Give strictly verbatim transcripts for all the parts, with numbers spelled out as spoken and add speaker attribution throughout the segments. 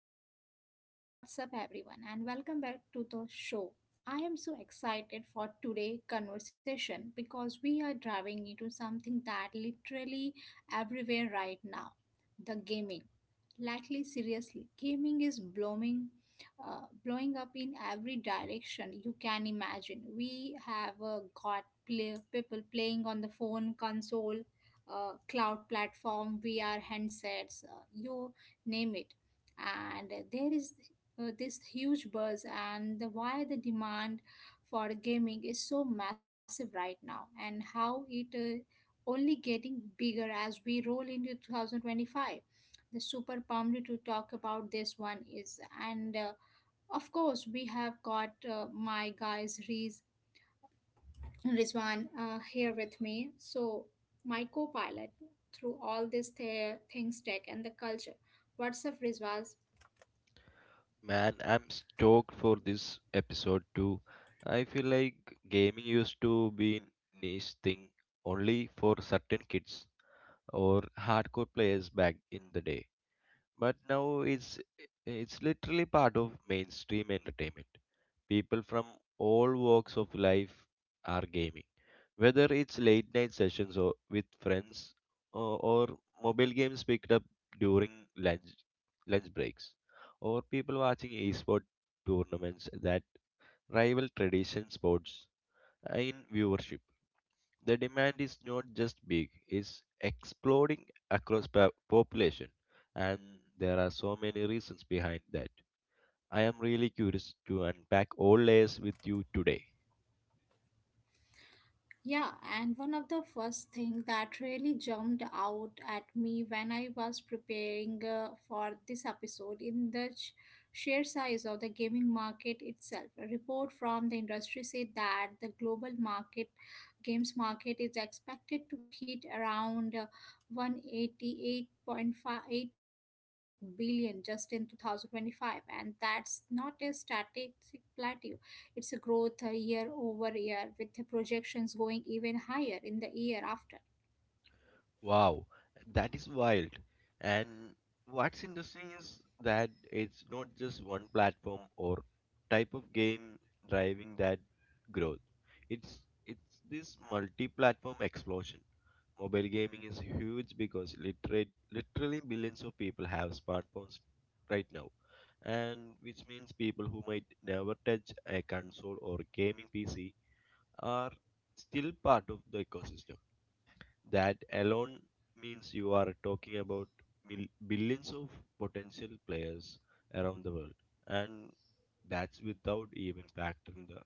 Speaker 1: podcast and what's up everyone, and welcome back to the show. I am so excited for today's conversation because we are driving into something that literally everywhere right now the gaming. Lately, seriously, gaming is blowing, uh, blowing up in every direction you can imagine. We have uh, got play, people playing on the phone, console, uh, cloud platform, V R handsets, uh, you name it. And there is uh, this huge buzz, and the, why the demand for gaming is so massive right now, and how it uh, only getting bigger as we roll into two thousand twenty-five the super pumped to talk about this one is and uh, of course we have got uh, my guys Riz, Rizwan uh, here with me so my co-pilot through all this th- things tech and the culture what's up Rizwan.
Speaker 2: Man, I'm stoked for this episode too. I feel like gaming used to be niche thing only for certain kids or hardcore players back in the day. But now it's it's literally part of mainstream entertainment. People from all walks of life are gaming. Whether it's late night sessions or with friends or, or mobile games picked up during lunch lunch breaks or people watching esport tournaments that rival tradition sports in viewership. The demand is not just big, it's exploding across pa- population and there are so many reasons behind that. I am really curious to unpack all layers with you today.
Speaker 1: Yeah, and one of the first thing that really jumped out at me when I was preparing uh, for this episode in the sh- sheer size of the gaming market itself. A report from the industry said that the global market games market is expected to hit around uh, one hundred eighty-eight point five eight billion just in two thousand twenty-five and that's not a static plateau it's a growth uh, year over year with the projections going even higher in the year after.
Speaker 2: Wow, that is wild. And what's interesting is that it's not just one platform or type of game driving that growth. It's it's this multi-platform explosion. Mobile gaming is huge because literate, literally billions of people have smartphones right now, and which means people who might never touch a console or gaming P C are still part of the ecosystem. That alone means you are talking about mil- billions of potential players around the world, and that's without even factoring the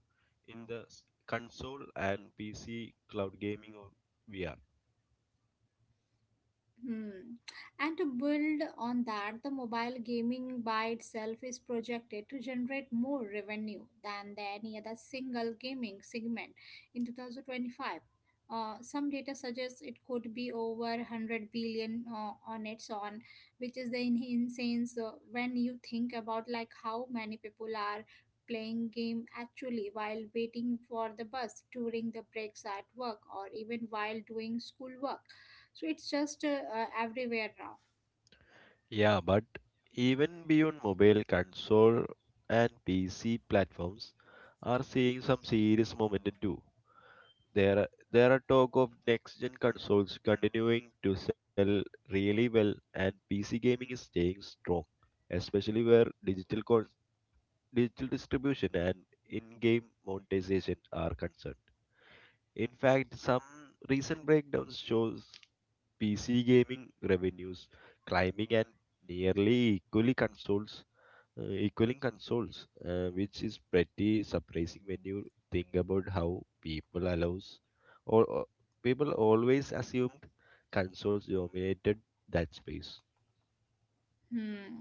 Speaker 2: in the s- console and P C cloud gaming or V R.
Speaker 1: Hmm. And to build on that, the mobile gaming by itself is projected to generate more revenue than the any other single gaming segment in two thousand twenty-five. Uh, some data suggests it could be over one hundred billion uh, on its own, which is the in- insane. So when you think about like how many people are playing game actually while waiting for the bus during the breaks at work or even while doing school work so it's just uh, uh, everywhere now.
Speaker 2: Yeah, but even beyond mobile console and P C platforms are seeing some serious momentum too. There are, there are talk of next gen consoles continuing to sell really well, and P C gaming is staying strong, especially where digital con- digital distribution and in-game monetization are concerned. In fact, some recent breakdowns shows P C gaming revenues climbing and nearly equally console uh, equaling consoles, uh, which is pretty surprising when you think about how people allows or, or people always assumed consoles dominated that space.
Speaker 1: Hmm.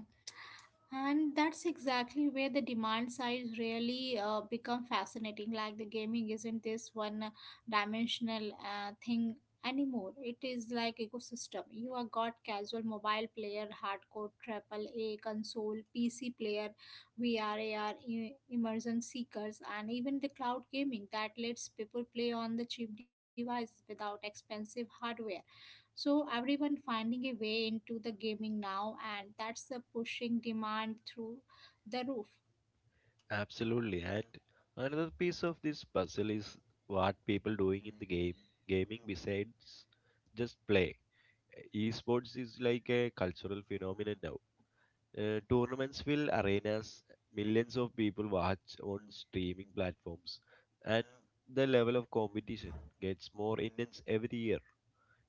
Speaker 1: And that's exactly where the demand side really uh, become fascinating. Like the gaming isn't this one dimensional uh, thing anymore. It is like ecosystem. You have got casual mobile player, hardcore triple A console, P C player, V R, A R, immersion seekers, and even the cloud gaming that lets people play on the cheap devices without expensive hardware. So everyone finding a way into the gaming now and that's the pushing demand through the roof.
Speaker 2: Absolutely, and another piece of this puzzle is what people doing in the game gaming besides just play. Esports is like a cultural phenomenon now. Uh, tournaments fill arenas, millions of people watch on streaming platforms, and the level of competition gets more intense every year.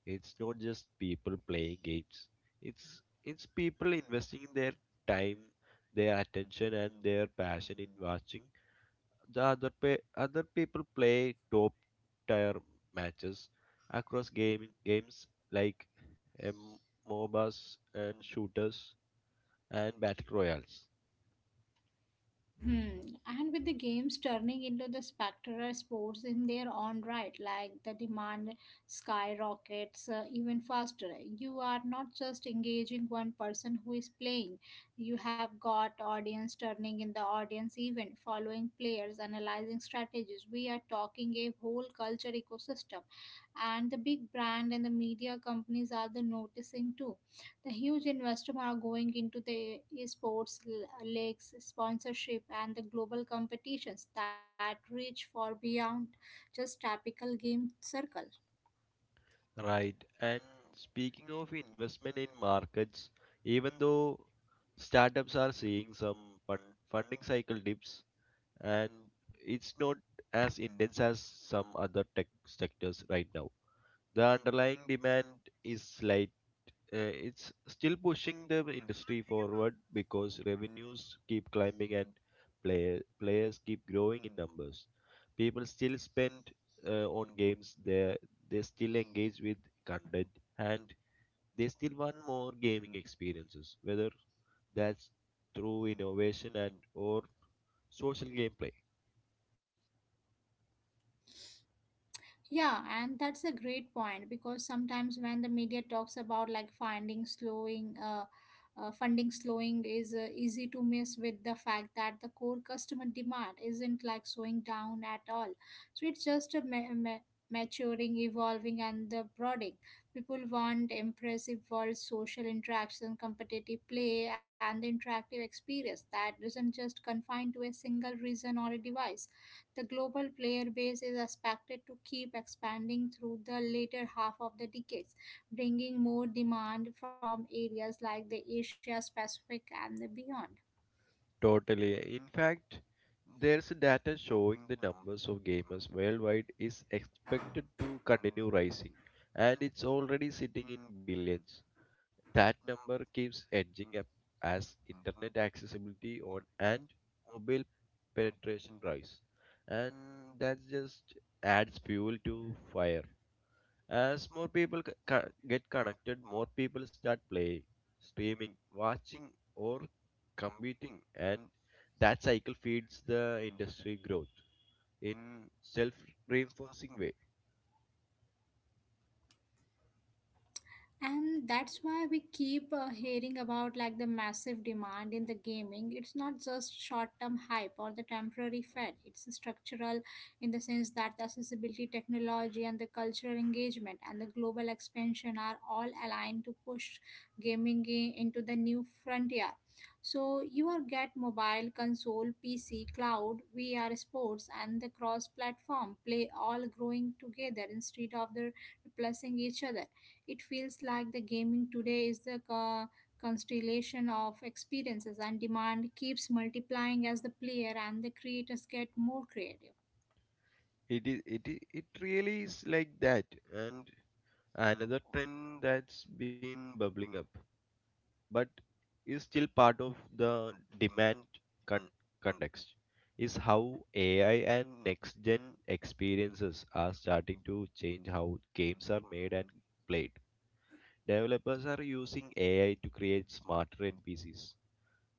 Speaker 2: It's not just people playing games. It's it's people investing their time, their attention, and their passion in watching the other pe- other people play top tier matches across gaming games like um, MOBAs and shooters and battle royals.
Speaker 1: Hmm. And with the games turning into the spectator sports in their own right, like the demand skyrockets uh, even faster. You are not just engaging one person who is playing, you have got audience turning in the audience event, following players, analyzing strategies. We are talking a whole culture ecosystem, and the big brand and the media companies are the noticing too the huge investment are going into the eh, sports l- leagues, sponsorship, and the global competitions that reach far beyond just typical game circle.
Speaker 2: Right. And speaking of investment in markets, even though startups are seeing some fund funding cycle dips, and it's not as intense as some other tech sectors right now. The underlying demand is slight uh, it's still pushing the industry forward because revenues keep climbing and player, players keep growing in numbers. People still spend uh, on games, they, they still engage with content, and they still want more gaming experiences, whether that's through innovation and or social gameplay.
Speaker 1: Yeah, and that's a great point because sometimes when the media talks about like finding slowing, uh, uh, funding slowing is uh, easy to miss with the fact that the core customer demand isn't like slowing down at all. So it's just a ma- ma- maturing, evolving, and the broadening. People want impressive world social interaction, competitive play, and the interactive experience that isn't just confined to a single reason or a device the global player base is expected to keep expanding through the later half of the decades, bringing more demand from areas like the Asia Pacific and beyond.
Speaker 2: Totally. In fact, there's data showing the numbers of gamers worldwide is expected to continue rising, and it's already sitting in billions. That number keeps edging up as internet accessibility on and mobile penetration rise, and that just adds fuel to fire. As more people c- co- get connected, more people start playing, streaming, watching, or competing, and that cycle feeds the industry growth in self-reinforcing way.
Speaker 1: And that's why we keep uh, hearing about like the massive demand in the gaming it's not just short term hype or the temporary fad it's structural in the sense that the accessibility technology and the cultural engagement and the global expansion are all aligned to push gaming i- into the new frontier so you are get mobile console pc cloud vr sports and the cross platform play all growing together instead of the replacing each other it feels like the gaming today is the co- constellation of experiences, and demand keeps multiplying as the player and the creators get more creative.
Speaker 2: It is it i- it really is like that, and another trend that's been bubbling up, but is still part of the demand con- context is how A I and next gen experiences are starting to change how games are made and played. Developers are using A I to create smarter N P Cs,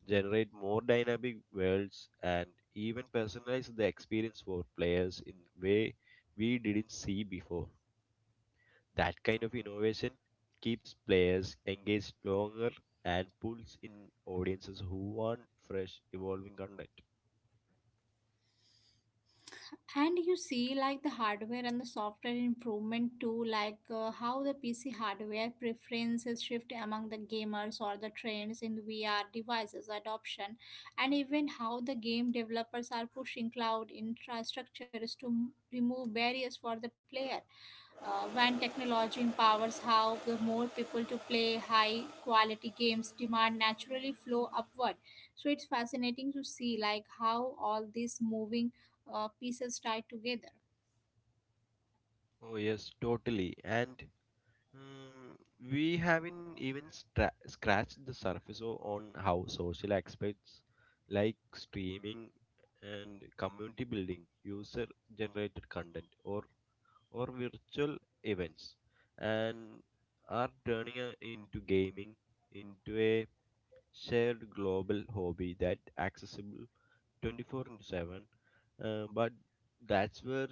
Speaker 2: generate more dynamic worlds, and even personalize the experience for players in way we didn't see before. That kind of innovation keeps players engaged longer and pulls in audiences who want fresh, evolving content.
Speaker 1: And you see, like the hardware and the software improvement too, like uh, how the P C hardware preferences shift among the gamers or the trends in V R devices adoption, and even how the game developers are pushing cloud infrastructures to m- remove barriers for the player. Uh, when technology empowers how the more people to play high quality games demand naturally flow upward so it's fascinating to see like how all these moving uh, pieces tie together.
Speaker 2: Oh, yes, totally. And mm, we haven't even stra- scratched the surface o- on how social aspects like streaming and community building, user generated content, or, or virtual events, and are turning uh, into gaming into a shared global hobby that accessible twenty-four into seven, uh, but that's where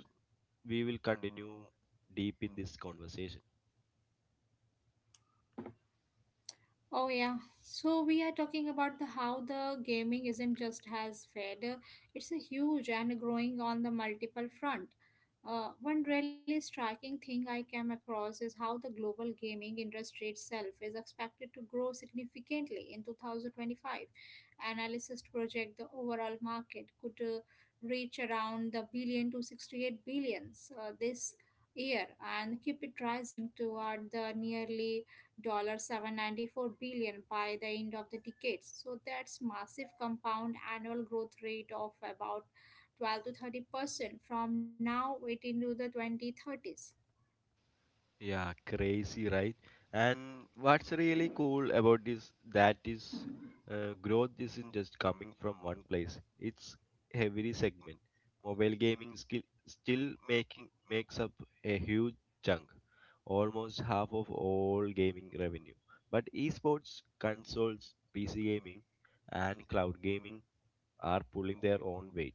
Speaker 2: we will continue deep in this conversation.
Speaker 1: Oh yeah. So we are talking about the how the gaming isn't just has fed, uh, It's a huge and growing on the multiple front. Uh, one really striking thing I came across is how the global gaming industry itself is expected to grow significantly in two thousand twenty-five. Analysts project the overall market could uh, reach around the billion to sixty-eight billions uh, this year and keep it rising toward the nearly seven hundred ninety-four dollars by the end of the decade. So that's massive compound annual growth rate of about twelve to thirty percent from now it into the twenty thirties.
Speaker 2: Yeah, crazy, right? And what's really cool about this that is uh, growth isn't just coming from one place. It's every segment. Mobile gaming skill still making makes up a huge chunk, almost half of all gaming revenue. But esports, consoles, P C gaming, and cloud gaming are pulling their own weight,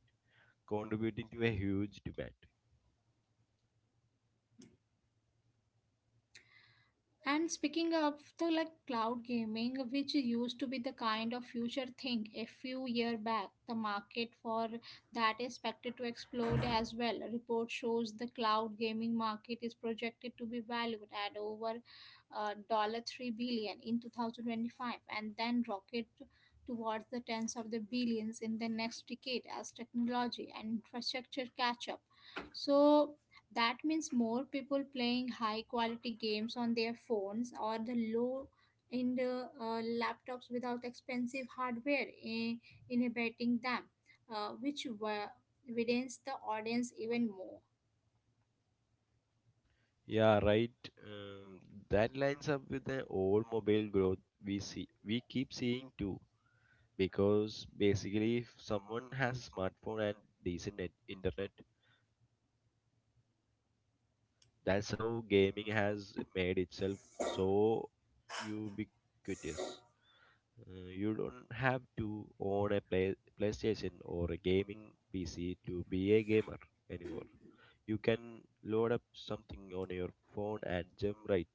Speaker 2: contributing to a huge demand.
Speaker 1: And speaking of the like cloud gaming, which used to be the kind of future thing a few year back, the market for that is expected to explode as well. A report shows the cloud gaming market is projected to be valued at over uh, dollar three billion in two thousand twenty-five, and then rocket towards the tens of the billions in the next decade as technology and infrastructure catch up. So that means more people playing high quality games on their phones or the low end uh, uh, laptops without expensive hardware eh, inhibiting them, uh, which wa- widens the audience even more.
Speaker 2: Yeah, right. Um, that lines up with the old mobile growth we see we keep seeing too. Because basically, if someone has a smartphone and decent net, internet, uh, they are part of this ecosystem. That's how gaming has made itself so ubiquitous. Uh, you don't have to own a play, PlayStation or a gaming P C to be a gamer anymore. You can load up something on your phone and jump right.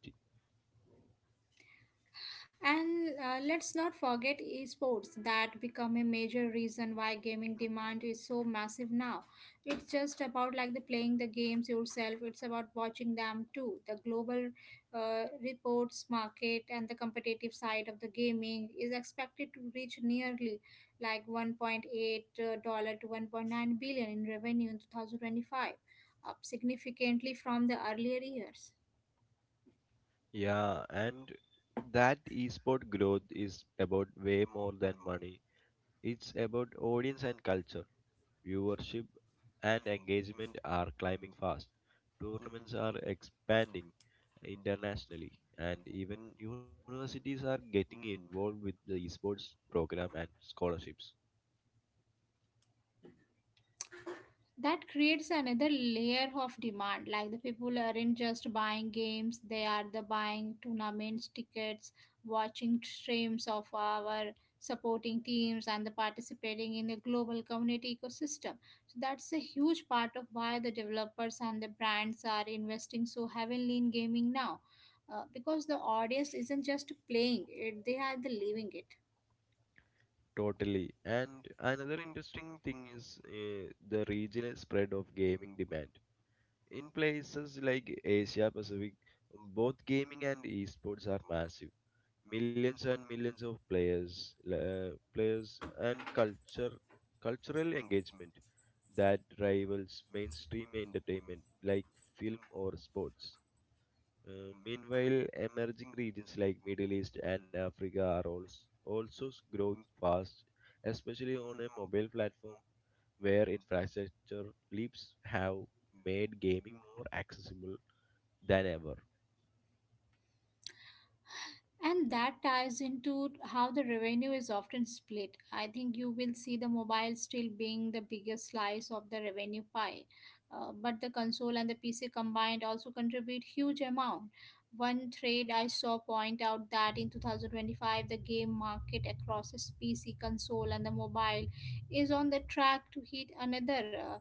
Speaker 1: And uh, let's not forget esports that become a major reason why gaming demand is so massive now. It's just about like the playing the games yourself. It's about watching them too. The global uh, reports market and the competitive side of the gaming is expected to reach nearly like one point eight dollar to one point nine billion in revenue in twenty twenty-five, up significantly from the earlier years.
Speaker 2: Yeah, and that esport growth is about way more than money. It's about audience and culture. Viewership and engagement are climbing fast. Tournaments are expanding internationally, and even universities are getting involved with the esports program and scholarships.
Speaker 1: That creates another layer of demand like the people aren't just buying games they are the buying tournaments tickets watching streams of our supporting teams and the participating in the global community ecosystem so that's a huge part of why the developers and the brands are investing so heavily in gaming now uh, because the audience isn't just playing it they are the living it.
Speaker 2: Totally. And another interesting thing is uh, the regional spread of gaming demand. In places like Asia Pacific, both gaming and esports are massive. Millions and millions of players, uh, players and culture, cultural engagement that rivals mainstream entertainment like film or sports. Uh, meanwhile, emerging regions like Middle East and Africa are also, also s- growing fast, especially on a mobile platform where infrastructure leaps have made gaming more accessible than ever.
Speaker 1: And that ties into how the revenue is often split. I think you will see the mobile still being the biggest slice of the revenue pie, uh, but the console and the P C combined also contribute huge amount. One trade I saw point out that in two thousand twenty-five the game market across the P C, console, and the mobile is on the track to hit another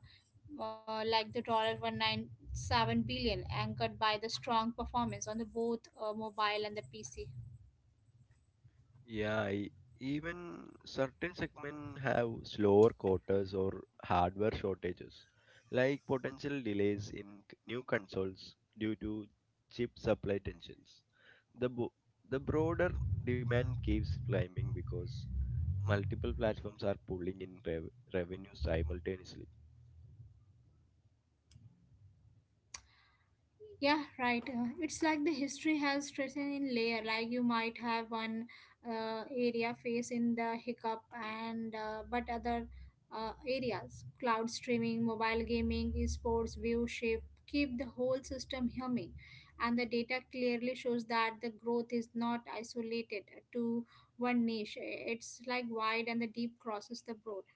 Speaker 1: uh, uh, like the dollar one hundred ninety-seven billion anchored by the strong performance on the both uh, mobile and the pc.
Speaker 2: Yeah, e- even certain segments have slower quarters or hardware shortages, like potential delays in c- new consoles due to chip supply tensions. The bo- the broader demand keeps climbing because multiple platforms are pulling in rev- revenue simultaneously.
Speaker 1: Yeah, right. Uh, it's like the history has written in layer. Like you might have one uh, area face in the hiccup, and uh, but other uh, areas, cloud streaming, mobile gaming, esports, viewership, keep the whole system humming. And the data clearly shows that the growth is not isolated to one niche. It's like wide and the deep crosses the broad.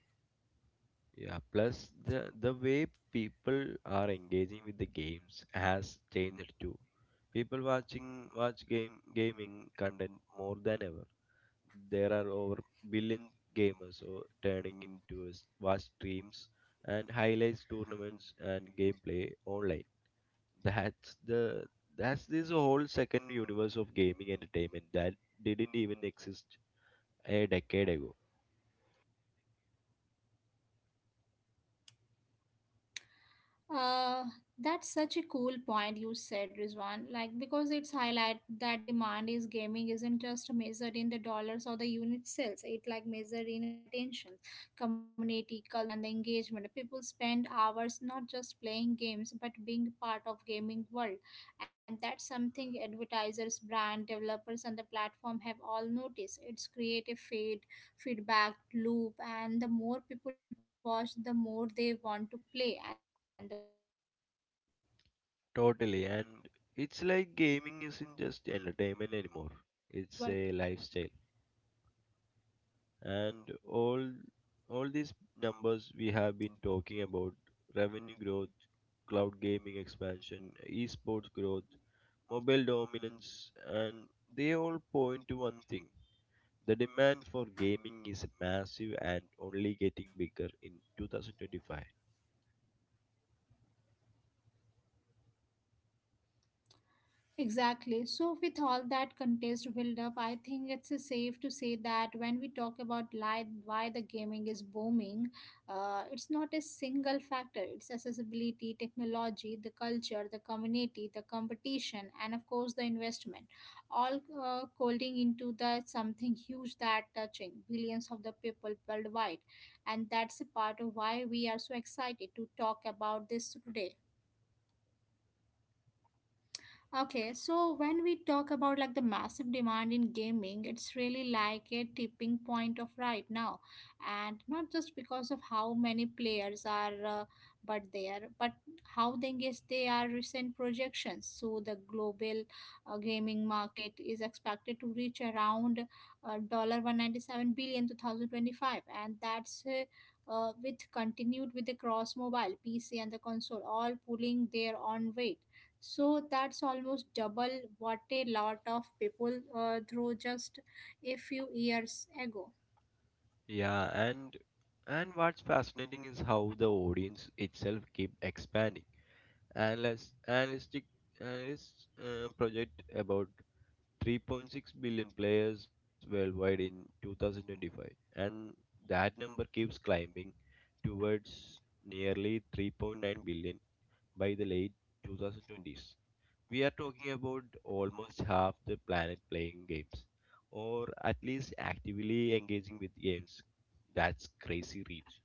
Speaker 2: Yeah, plus the the way people are engaging with the games has changed too. People watching watch game gaming content more than ever. There are over billion gamers so turning into s- watch streams and highlights tournaments and gameplay online. That's the that's this whole second universe of gaming entertainment that didn't even exist a decade ago.
Speaker 1: Uh, that's such a cool point you said, Rizwan. Like because it's highlight that demand is gaming isn't just measured in the dollars or the unit sales. It like measured in attention, community, culture, and the engagement. People spend hours not just playing games but being part of gaming world, and that's something advertisers, brand developers, and the platform have all noticed. It's create a feed, feedback loop, and the more people watch, the more they want to play, and the vice versa.
Speaker 2: Totally, and it's like gaming isn't just entertainment anymore. It's a lifestyle. And all all these numbers we have been talking about, revenue growth, cloud gaming expansion, esports growth, mobile dominance, and they all point to one thing. The demand for gaming is massive and only getting bigger in twenty twenty-five.
Speaker 1: Exactly. So, with all that contest build-up, I think it's uh, safe to say that when we talk about li- why the gaming is booming, uh, it's not a single factor. It's accessibility, technology, the culture, the community, the competition, and of course the investment, all uh, folding into the something huge that touching billions of the people worldwide, and that's a part of why we are so excited to talk about this today. Okay, so when we talk about like the massive demand in gaming, it's really like a tipping point of right now, and not just because of how many players are, uh, but there, but how they engage they are recent projections. So the global uh, gaming market is expected to reach around uh, dollar one ninety seven billion two thousand twenty five, and that's uh, uh, with continued with the cross mobile, P C, and the console all pulling their own weight so that's almost double what a lot of people uh, through just a few years ago.
Speaker 2: Yeah, and and what's fascinating is how the audience itself keep expanding. Analyst, analytic analysts uh, project about three point six billion players worldwide in two thousand twenty-five, and that number keeps climbing towards nearly three point nine billion by the late twenty twenties. We are talking about almost half the planet playing games, or at least actively engaging with games. That's crazy reach.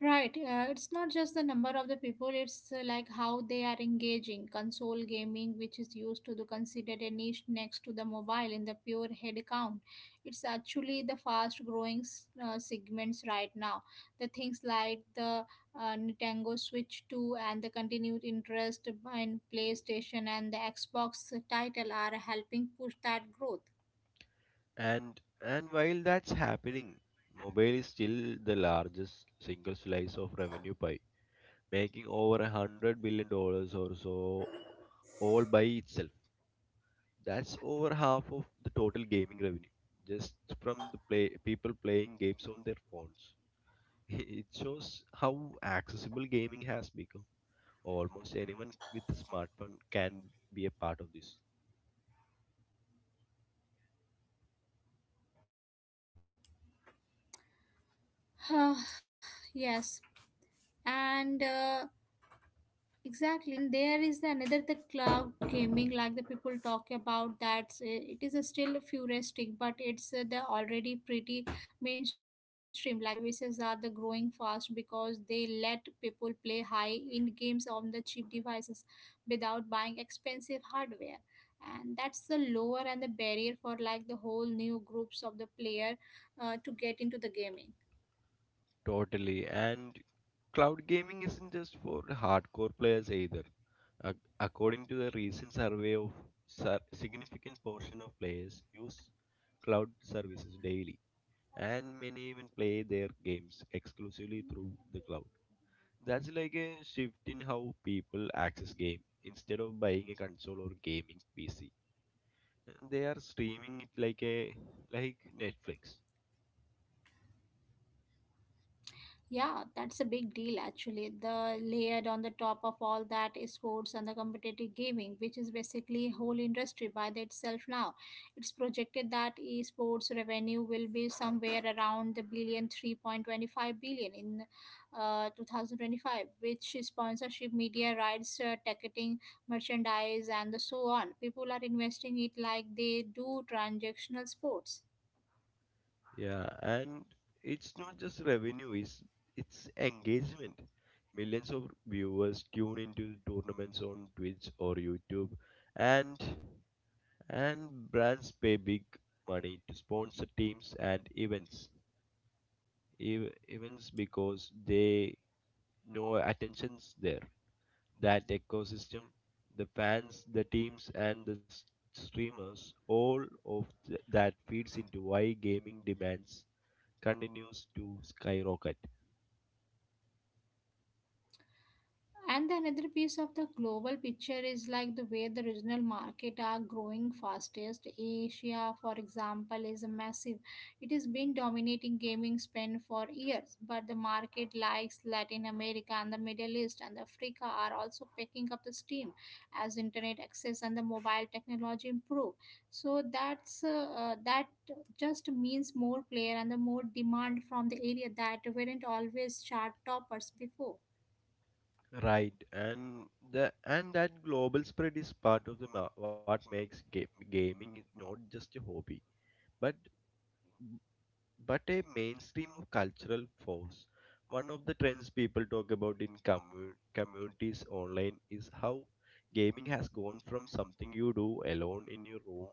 Speaker 1: Right. Uh, it's not just the number of the people, it's uh, like how they are engaging. Console gaming, which is used to the considered a niche next to the mobile in the pure head count, it's actually the fast growing s- uh, segments right now. The things like the uh, Nintendo Switch two and the continued interest in PlayStation and the Xbox title are helping push that growth.
Speaker 2: And and while that's happening, mobile is still the largest single slice of revenue pie, making over a hundred billion dollars or so all by itself. That's over half of the total gaming revenue, just from the play people playing games on their phones. It shows how accessible gaming has become. Almost anyone with a smartphone can be a part of this.
Speaker 1: Yes. And uh, Exactly, and there is the another the cloud gaming, like the people talk about that. uh, It is a still futuristic, but it's uh, the already pretty mainstream. Like the services are the growing fast because they let people play high-end games on the cheap devices without buying expensive hardware, and that's the lower and the barrier for like the whole new groups of the player uh, to get into the gaming.
Speaker 2: Totally. And cloud gaming isn't just for hardcore players either. Ac- according to the recent survey of sur- significant portion of players use cloud services daily and many even play their games exclusively through the cloud. That's like a shift in how people access game. Instead of buying a console or gaming P C, they are streaming it like a like Netflix.
Speaker 1: Yeah, that's a big deal actually. The layered on the top of all that is sports and the competitive gaming, which is basically a whole industry by itself now. It's projected that esports revenue will be somewhere around the billion three point twenty five billion in uh, twenty twenty-five, which is sponsorship, media rights, uh, ticketing, merchandise, and the so on. People are investing it like they do transactional sports.
Speaker 2: Yeah, and it's not just revenue, it's it's engagement. Millions of viewers tune into tournaments on Twitch or YouTube, and and brands pay big money to sponsor teams and events. Ev- events because they know attention's there. That ecosystem, the fans, the teams, and the s- streamers, all of th- that feeds into why gaming demands continues to skyrocket.
Speaker 1: And the another piece of the global picture is like the way the regional market are growing fastest. Asia, for example, is a massive. It has been dominating gaming spend for years, but the market likes Latin America and the Middle East and Africa are also picking up the steam as internet access and the mobile technology improve. So that's uh, uh, that just means more player and the more demand from the area that weren't always chart toppers before.
Speaker 2: Right, and the and that global spread is part of the ma- what makes ga- gaming is not just a hobby, but but a mainstream cultural force. One of the trends people talk about in commu- communities online is how gaming has gone from something you do alone in your room,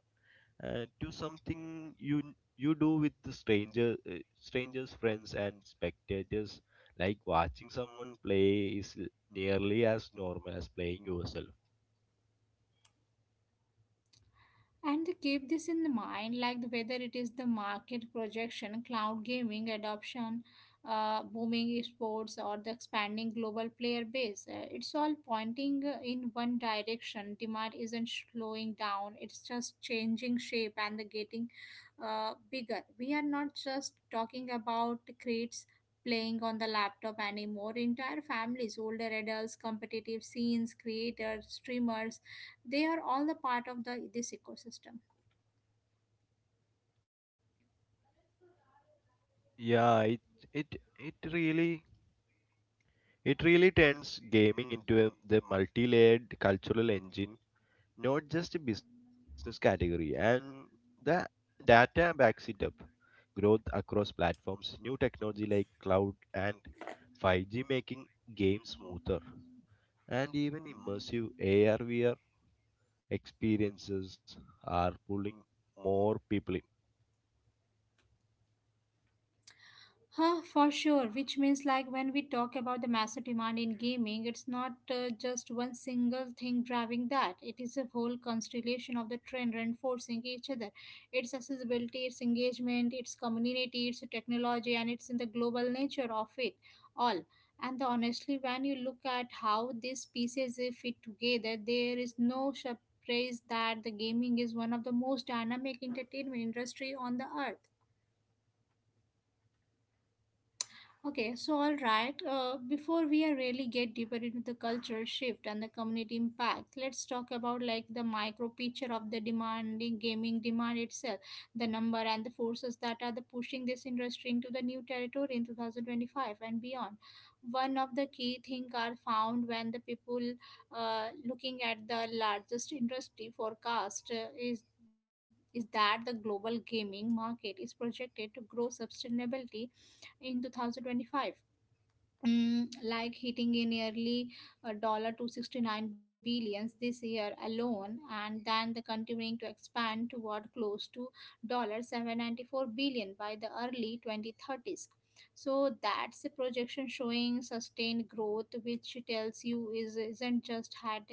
Speaker 2: uh, to something you you do with the stranger uh, strangers, friends, and spectators, like watching someone play is l- nearly as normal as playing yourself.
Speaker 1: And they keep this in the mind, like the- whether it is the market projection, cloud gaming adoption, uh, booming sports, or the expanding global player base. Uh, it's all pointing uh, in one direction. Demand isn't slowing down, it's just changing shape and the getting uh, bigger. We are not just talking about crates playing on the laptop anymore. Entire families, older adults, competitive scenes, creators, streamers, they are all the part of the this ecosystem.
Speaker 2: Yeah it it it really it really turns gaming into a, the multi-layered cultural engine, not just a business category, and the data backs it up. Growth across platforms, new technology like cloud and five G making games smoother, and even immersive A R V R experiences are pulling more people in.
Speaker 1: Huh, for sure. Which means, like, when we talk about the massive demand in gaming, it's not uh, just one single thing driving that. It is a whole constellation of the trend reinforcing each other. It's accessibility, it's engagement, it's community, it's technology, and it's in the global nature of it all. And the, honestly, when you look at how these pieces uh, fit together, there is no surprise that the gaming is one of the most dynamic entertainment industry on the earth. Okay, so all right, uh, before we are really get deeper into the cultural shift and the community impact, let's talk about like the micro picture of the demanding gaming demand itself, the number and the forces that are the pushing this industry into the new territory in twenty twenty-five and beyond. One of the key things are found when the people uh, looking at the largest industry forecast uh, is is that the global gaming market is projected to grow sustainably in twenty twenty-five. Mm, like hitting a nearly a dollar two hundred sixty-nine billions this year alone and then the continuing to expand toward close to dollar seven hundred ninety-four billion by the early twenty thirties. So that's a projection showing sustained growth which tells you is isn't just had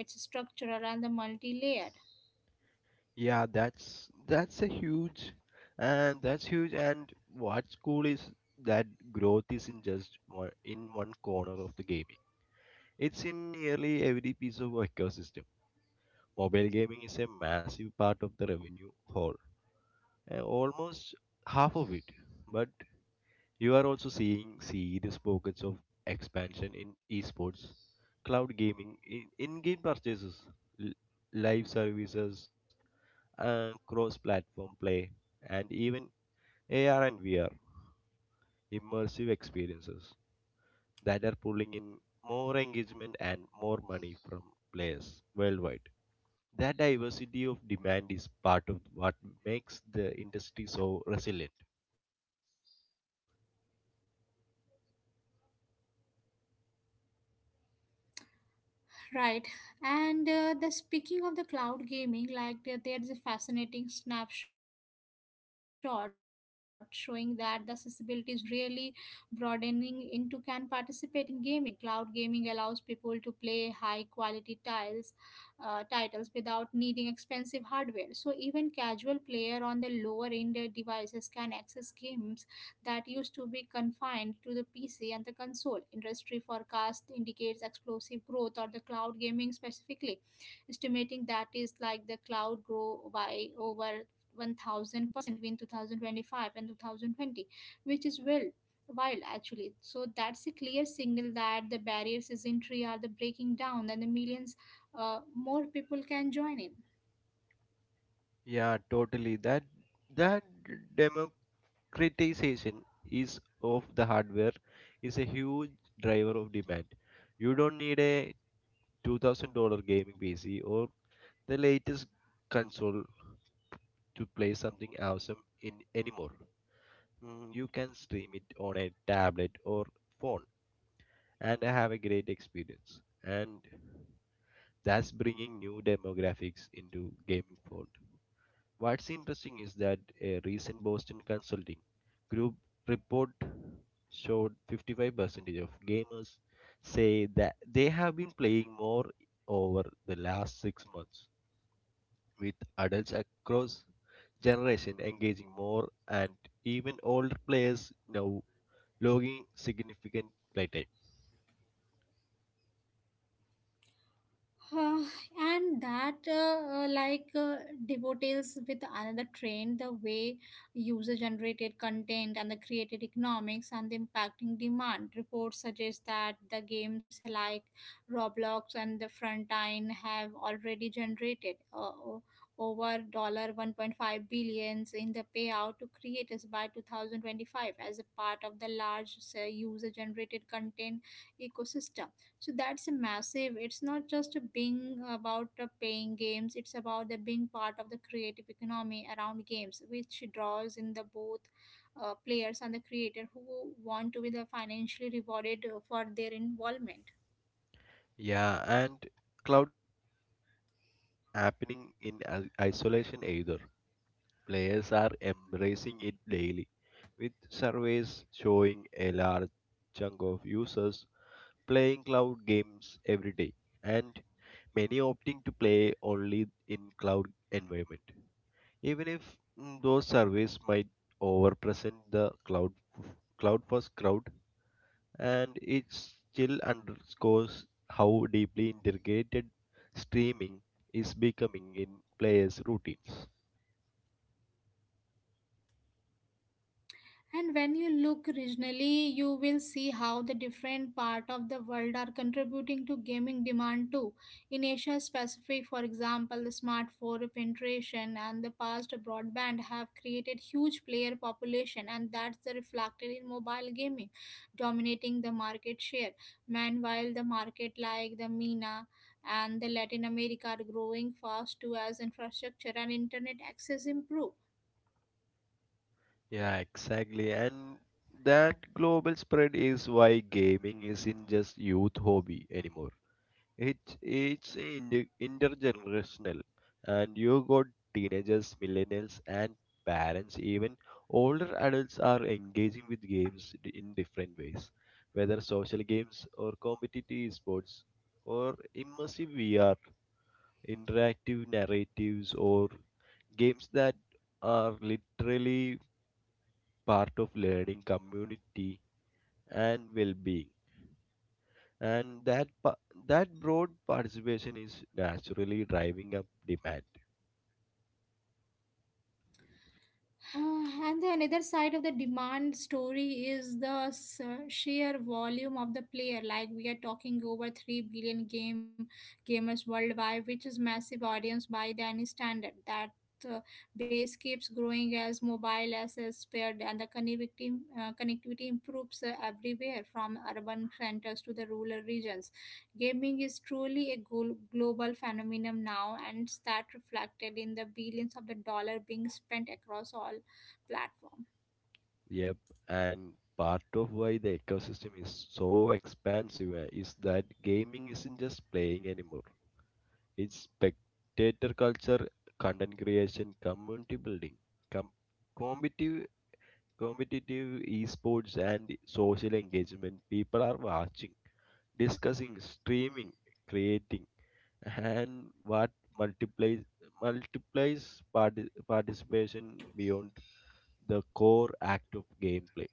Speaker 1: its structural and the multi-layered.
Speaker 2: Yeah, that's that's a huge and that's huge, and what's cool is that growth is in just one in one corner of the gaming. It's in nearly every piece of our ecosystem. Mobile gaming is a massive part of the revenue whole, uh, almost half of it. But you are also seeing serious pockets of expansion in esports, cloud gaming, in- in-game purchases, l- live services, and cross-platform play, and even A R and V R immersive experiences that are pulling in more engagement and more money from players worldwide. That diversity of demand is part of what makes the industry so resilient.
Speaker 1: Right. And uh, the speaking of the cloud gaming, like there there is a fascinating snapshot showing that the accessibility is really broadening into can participate in gaming. Cloud gaming allows people to play high quality tiles uh, titles without needing expensive hardware. So even casual player on the lower end uh, devices can access games that used to be confined to the P C and the console. Industry forecast indicates explosive growth or the cloud gaming specifically, estimating that is like the cloud grow by over one thousand percent between two thousand twenty-five and two thousand twenty, which is well wild actually. So that's a clear signal that the barriers is entry are the breaking down and the millions uh, more people can join in.
Speaker 2: Yeah, totally. That that democratization is of the hardware is a huge driver of demand. You don't need a two thousand dollar gaming P C or the latest console to play something awesome in anymore. Mm, you can stream it on a tablet or phone and have a great experience. And that's bringing new demographics into gaming fold. What's interesting is that a recent Boston Consulting Group report showed fifty-five percent of gamers say that they have been playing more over the last six months, with adults across generation engaging more and even older players now logging significant playtime.
Speaker 1: Uh, and that uh, uh, like uh, Devotees with another trend the way user generated content and the created economics and the impacting demand reports suggest that the games like roblox and the frontline have already generated uh, o- over dollar one point five billions in the payout to creators by twenty twenty-five as a part of the large uh, user generated content ecosystem. So that's a massive, it's not just a being about uh, playing games, it's about the being part of the creative economy around games which draws in the both uh, players and the creator who want to be the financially rewarded uh, for their involvement.
Speaker 2: Yeah, and cloud gaming isn't just isn't happening in i- isolation either. Players are embracing it daily, with surveys showing a large chunk of users playing cloud games every day, and many opting to play only in cloud environment. Even if mm, those surveys might overpresent the cloud cloud first crowd, and it still underscores how deeply integrated streaming is becoming in players' routines.
Speaker 1: And when you look regionally, you will see how the different part of the world are contributing to gaming demand too. In Asia Pacific, for example, the smartphone penetration and the past broadband have created huge player population and that's the reflected in mobile gaming, dominating the market share. Meanwhile, the market like the MENA and the Latin America are growing fast too as infrastructure and internet access improve.
Speaker 2: Yeah, exactly. And that global spread is why gaming isn't just youth hobby anymore. It it's inter- intergenerational, and you got teenagers, millennials, and parents. Even older adults are engaging with games d- in different ways, whether social games or competitive sports or immersive V R, interactive narratives, or games that are literally part of learning community and well-being and that pa- that broad participation is naturally driving up demand.
Speaker 1: Uh, and the another side of the demand story is the s- sheer volume of the player. Like we are talking over three billion game gamers worldwide, which is massive audience by the any standard. That uh, base keeps growing as mobile assets paired, and the connectivity uh, connectivity improves uh, everywhere from urban centers to the rural regions. Gaming is truly a gol- global phenomenon now, and it's that reflected in the billions of the dollar being spent across all platforms.
Speaker 2: Yep. And part of why the ecosystem is so expansive uh, is that gaming isn't just playing anymore. It's spectator culture, content creation, community building, com- competitive competitive esports, and social engagement. People are watching, discussing, streaming, creating, and what multiplies multiplies parti- participation beyond the core act of gameplay.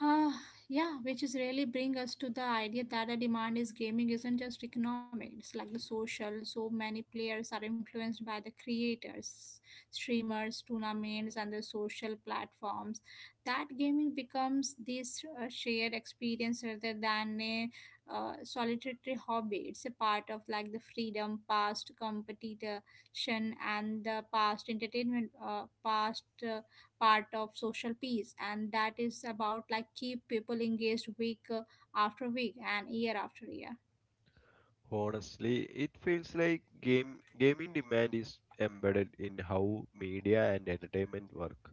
Speaker 1: Huh, yeah, which is really bring us to the idea that a demand is gaming isn't just economic. It's like the social. So many players are influenced by the creators, streamers, tournaments, and the social platforms. That gaming becomes this uh, shared experience rather than a uh, solitary hobby. It's a part of like the freedom, past competition, and the past entertainment, uh, past. Uh, part of social peace and that is about like keep people engaged week uh, after week and year after year.
Speaker 2: Honestly, it feels like game gaming demand is embedded in how media and entertainment work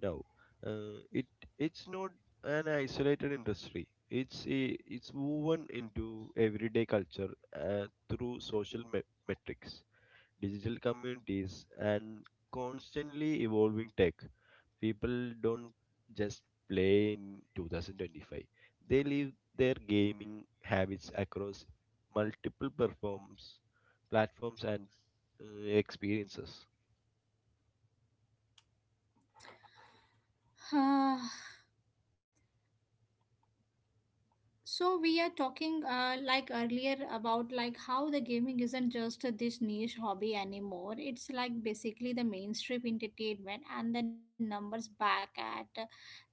Speaker 2: now. Uh, it it's not an isolated industry. It's a, it's woven into everyday culture uh, through social me- metrics, digital communities, and constantly evolving tech. People don't just play in two thousand twenty-five. They live their gaming habits across multiple performs, platforms and uh, experiences.
Speaker 1: So we are talking uh, like earlier about like how the gaming isn't just this niche hobby anymore. It's like basically the mainstream entertainment and the numbers back at uh,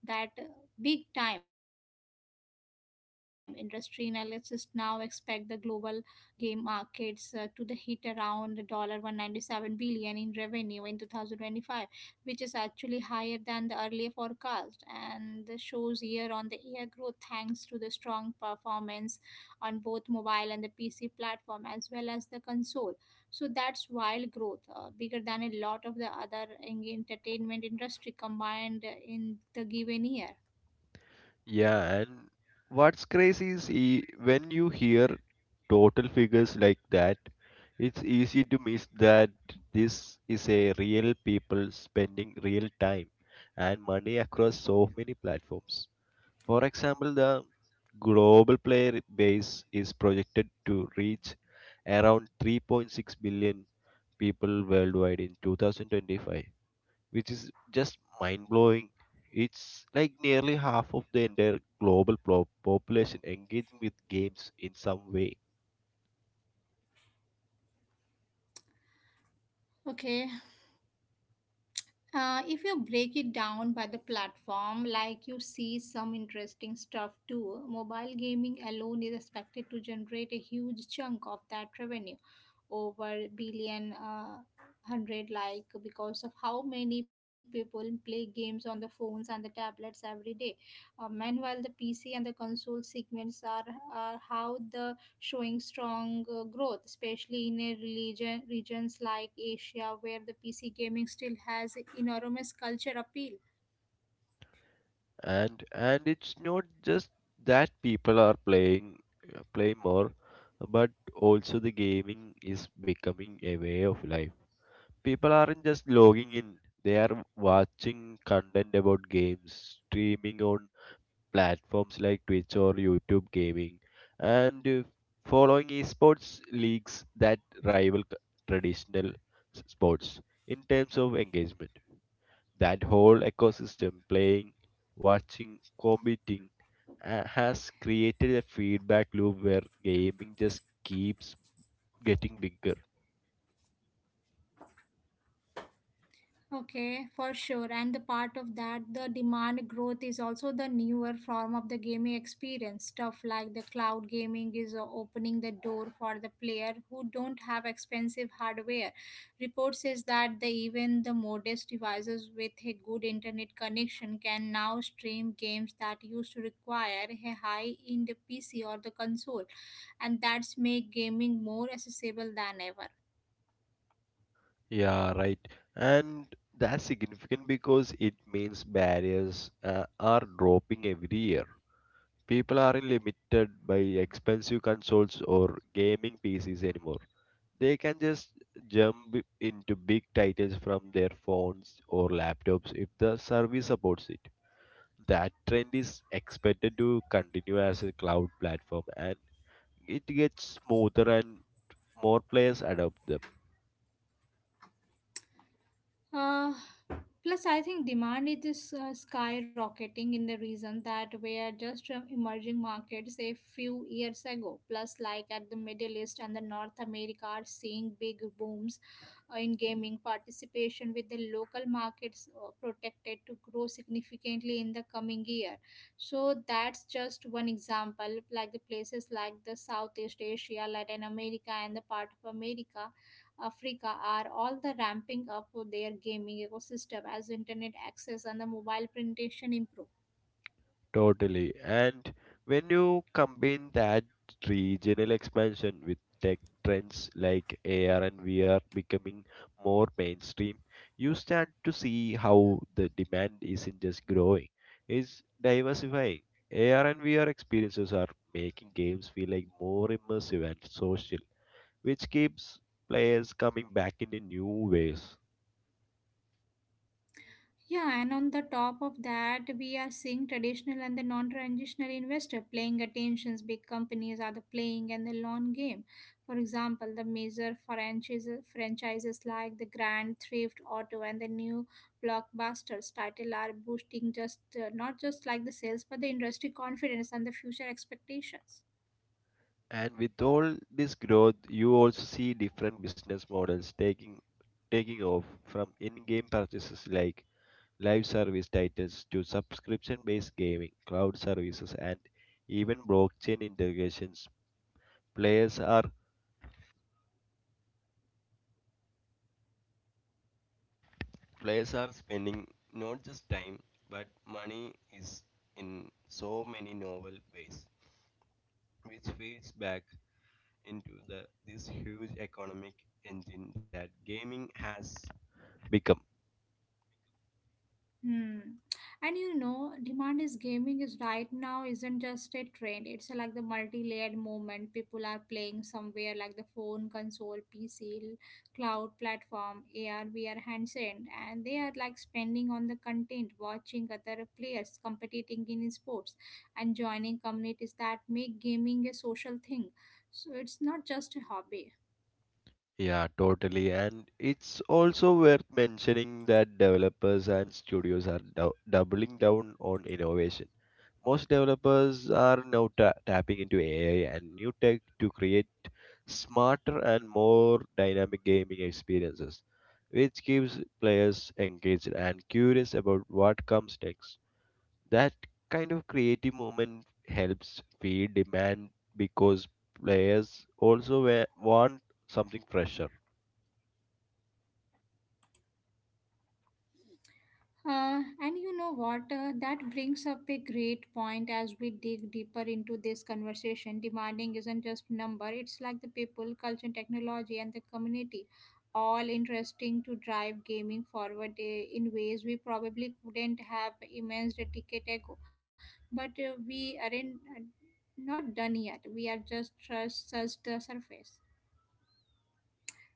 Speaker 1: that uh, big time industry analysts now expect the global game markets uh, to the hit around dollar one hundred ninety-seven billion in revenue in two thousand twenty-five, which is actually higher than the earlier forecast. And the shows year on the year growth thanks to the strong performance on both mobile and the P C platform as well as the console. So that's wild growth, uh, bigger than a lot of the other en- entertainment industry combined in the given year.
Speaker 2: Yeah, and what's crazy is e- when you hear total figures like that, it's easy to miss that this is a real people spending real time and money across so many platforms. For example, the global player base is projected to reach around three point six billion people worldwide in two thousand twenty-five, which is just mind blowing. It's like nearly half of the entire global po- population engaging with games in some way.
Speaker 1: Okay, Uh, if you break it down by the platform, like you see some interesting stuff too, mobile gaming alone is expected to generate a huge chunk of that revenue, over billion uh, hundred, like because of how many people play games on the phones and the tablets every day. Uh, meanwhile, the P C and the console segments are, are how the showing strong uh, growth, especially in a religion, regions like Asia, where the P C gaming still has enormous culture appeal.
Speaker 2: And and it's not just that people are playing uh, play more, but also the gaming is becoming a way of life. People aren't just logging in, they are watching content about games, streaming on platforms like Twitch or YouTube gaming, and uh, following esports leagues that rival c- traditional s- sports in terms of engagement. That whole ecosystem, playing, watching, competing, uh, has created a feedback loop where gaming just keeps getting bigger.
Speaker 1: Okay, for sure. And the part of that, the demand growth is also the newer form of the gaming experience. Stuff like the cloud gaming is uh, opening the door for the player who don't have expensive hardware. Report says that the, even the modest devices with a good internet connection can now stream games that used to require a high-end P C or the console, and that's make gaming more accessible than ever.
Speaker 2: Yeah, right. And that's significant because it means barriers uh, are dropping every year. People aren't limited by expensive consoles or gaming P Cs anymore. They can just jump i- into big titles from their phones or laptops if the service supports it. That trend is expected to continue as a cloud platform and it gets smoother and more players adopt them.
Speaker 1: Uh, Plus, I think demand it is uh, skyrocketing in the reason that we are just from emerging markets a few years ago. Plus, like at the Middle East and the North America are seeing big booms uh, in gaming participation with the local markets uh, protected to grow significantly in the coming year. So that's just one example. Like the places like the Southeast Asia, Latin America, and the part of America Africa are all the ramping up of their gaming ecosystem as internet access and the mobile penetration improve.
Speaker 2: Totally. And when you combine that regional expansion with tech trends like A R and V R becoming more mainstream, you start to see how the demand isn't just growing, it's diversifying. A R and V R experiences are making games feel like more immersive and social, which keeps players coming back in new ways.
Speaker 1: Yeah, and on the top of that, we are seeing traditional and the non-traditional investor playing attentions. Big companies are the playing and the long game. For example, the major franchises, franchises like the Grand Theft Auto and the new blockbusters title are boosting just uh, not just like the sales, but the industry confidence and the future expectations.
Speaker 2: And with all this growth, you also see different business models taking taking off, from in-game purchases like live service titles to subscription-based gaming, cloud services, and even blockchain integrations. Players are players are spending not just time but money is in so many novel ways, which feeds back into the this huge economic engine that gaming has become.
Speaker 1: Hmm. And you know, demand is gaming is right now isn't just a trend. It's like the multi-layered movement. People are playing somewhere like the phone, console, P C, cloud platform, A R, V R handset, and they are like spending on the content, watching other players competing in sports, and joining communities that make gaming a social thing. So it's not just a hobby.
Speaker 2: Yeah, totally. And it's also worth mentioning that developers and studios are dou doubling down on innovation. Most developers are now ta tapping into A I and new tech to create smarter and more dynamic gaming experiences, which keeps players engaged and curious about what comes next. That kind of creative moment helps feed demand because players also wa- want something fresher.
Speaker 1: Uh, and you know what? Uh, that brings up a great point as we dig deeper into this conversation. Demanding isn't just number; it's like the people, culture, technology, and the community, all interesting to drive gaming forward uh, in ways we probably couldn't have imagined a decade ago. But uh, we aren't uh, not done yet. We are just just touched the surface.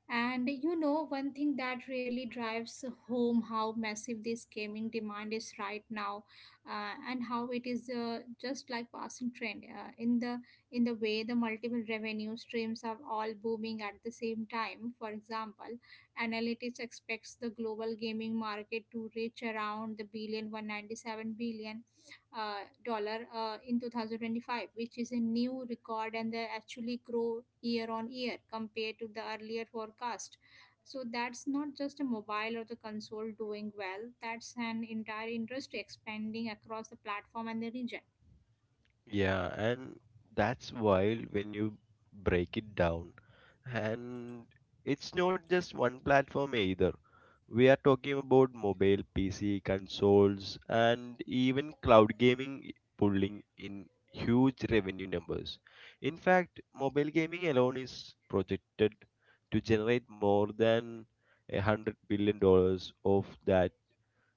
Speaker 1: And you know, one thing that really drives home how massive this gaming demand is right now, uh, and how it is uh, just like passing trend uh, in the in the way the multiple revenue streams are all booming at the same time. For example, analytics expects the global gaming market to reach around the billion one hundred ninety-seven billion uh, dollar uh, in two thousand twenty-five, which is a new record and they actually grow year on year compared to the earlier forecast. So that's not just a mobile or the console doing well, that's an entire industry expanding across the platform and the region.
Speaker 2: Yeah, and that's wild when you break it down. And it's not just one platform either. We are talking about mobile, P C, consoles, and even cloud gaming pulling in huge revenue numbers. In fact, mobile gaming alone is projected to generate more than a hundred billion dollars of that,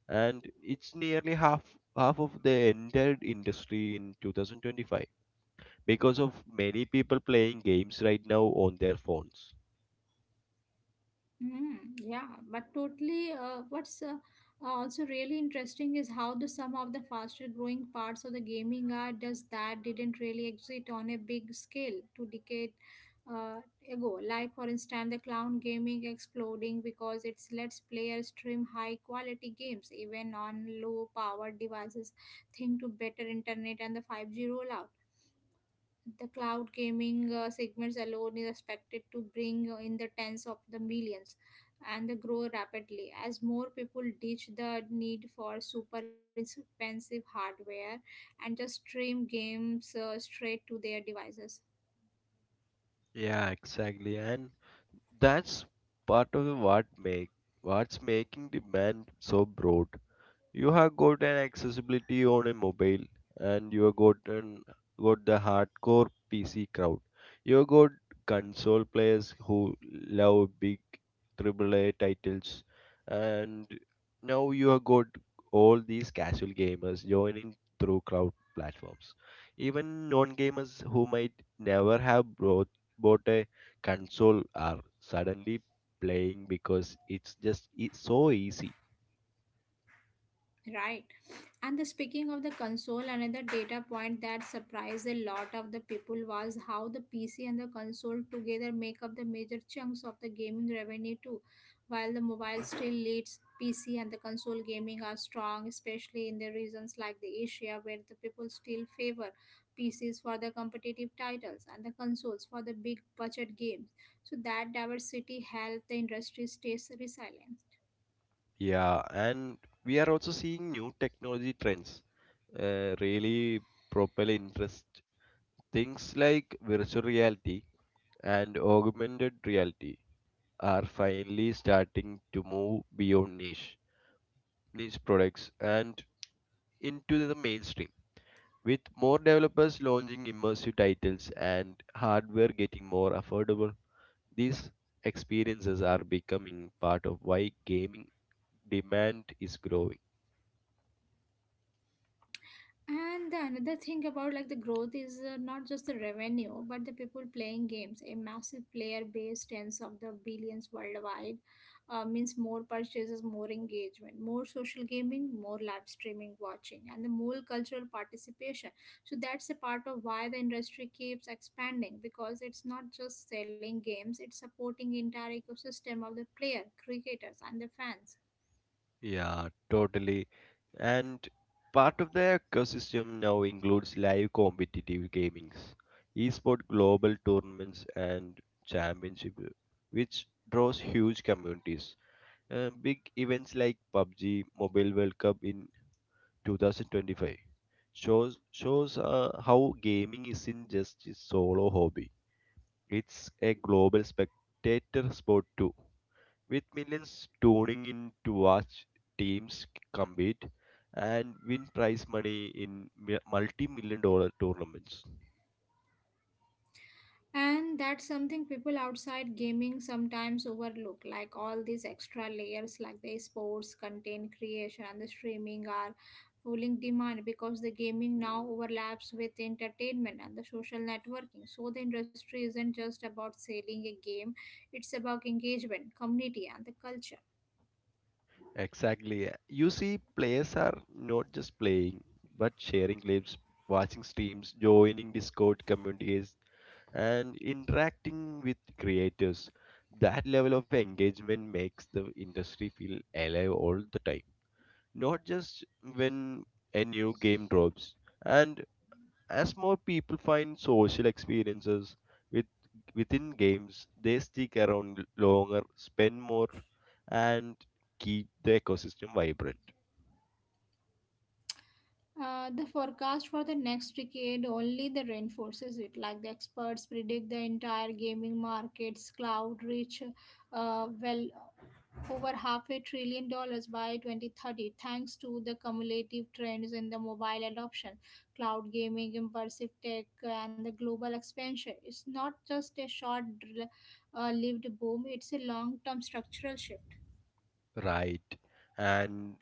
Speaker 2: and it's nearly half half of the entire industry in two thousand twenty-five because of many people playing games right now on their phones.
Speaker 1: Mm, yeah, but totally. Uh, what's uh, also really interesting is how the some of the faster growing parts of the gaming are does that didn't really exist on a big scale two decade uh, ago. Like for instance, the cloud gaming exploding because it's lets players stream high quality games even on low powered devices, thanks to better internet and the five G rollout the cloud gaming uh, segments alone is expected to bring in the tens of the millions and the grow rapidly as more people ditch the need for super expensive hardware and just stream games uh, straight to their devices.
Speaker 2: Yeah, exactly. And that's part of the what make what's making demand so broad. You have got an accessibility on a mobile, and you have got an, got the hardcore P C crowd. You have got console players who love big triple A titles, and now you have got all these casual gamers joining through crowd platforms. Even non-gamers who might never have brought, bought a console are suddenly playing because it's just it's so easy.
Speaker 1: Right. And the speaking of the console, another data point that surprised a lot of the people was how the P C and the console together make up the major chunks of the gaming revenue too. While the mobile still leads, P C and the console gaming are strong, especially in the regions like the Asia where the people still favor P Cs for the competitive titles and the consoles for the big budget games. So that diversity helped the industry stay resilient.
Speaker 2: Yeah, and we are also seeing new technology trends uh, really propel interest. Things like virtual reality and augmented reality are finally starting to move beyond niche niche products and into the mainstream, with more developers launching immersive titles and hardware getting more affordable. These experiences are becoming part of why gaming demand is growing.
Speaker 1: And the another thing about like the growth is uh, not just the revenue, but the people playing games. A massive player base, tens of the billions worldwide, uh, means more purchases, more engagement, more social gaming, more live streaming watching, and the more cultural participation. So that's a part of why the industry keeps expanding because it's not just selling games; it's supporting entire ecosystem of the player, creators, and the fans.
Speaker 2: Yeah, totally. And part of the ecosystem now includes live competitive gamings, esport global tournaments and championship, which draws huge communities. Uh, big events like pub G Mobile World Cup in two thousand twenty-five shows shows uh, how gaming isn't just a solo hobby; it's a global spectator sport too, with millions tuning in to watch teams compete and win prize money in multi million dollar tournaments.
Speaker 1: And that's something people outside gaming sometimes overlook. Like all these extra layers, like the sports, content creation, and the streaming are fueling demand because the gaming now overlaps with entertainment and the social networking. So the industry isn't just about selling a game, it's about engagement, community, and the culture.
Speaker 2: Exactly. You see, players are not just playing, but sharing clips, watching streams, joining Discord communities, and interacting with creators. That level of engagement makes the industry feel alive all the time, not just when a new game drops. And as more people find social experiences with, within games, they stick around longer, spend more, and keep the ecosystem vibrant.
Speaker 1: Uh, the forecast for the next decade only the reinforces it like the experts predict the entire gaming market's cloud reach uh, well over half a trillion dollars by twenty thirty thanks to the cumulative trends in the mobile adoption, cloud gaming, immersive tech, and the global expansion. It's not just a short-lived boom, it's a long-term structural shift.
Speaker 2: Right. And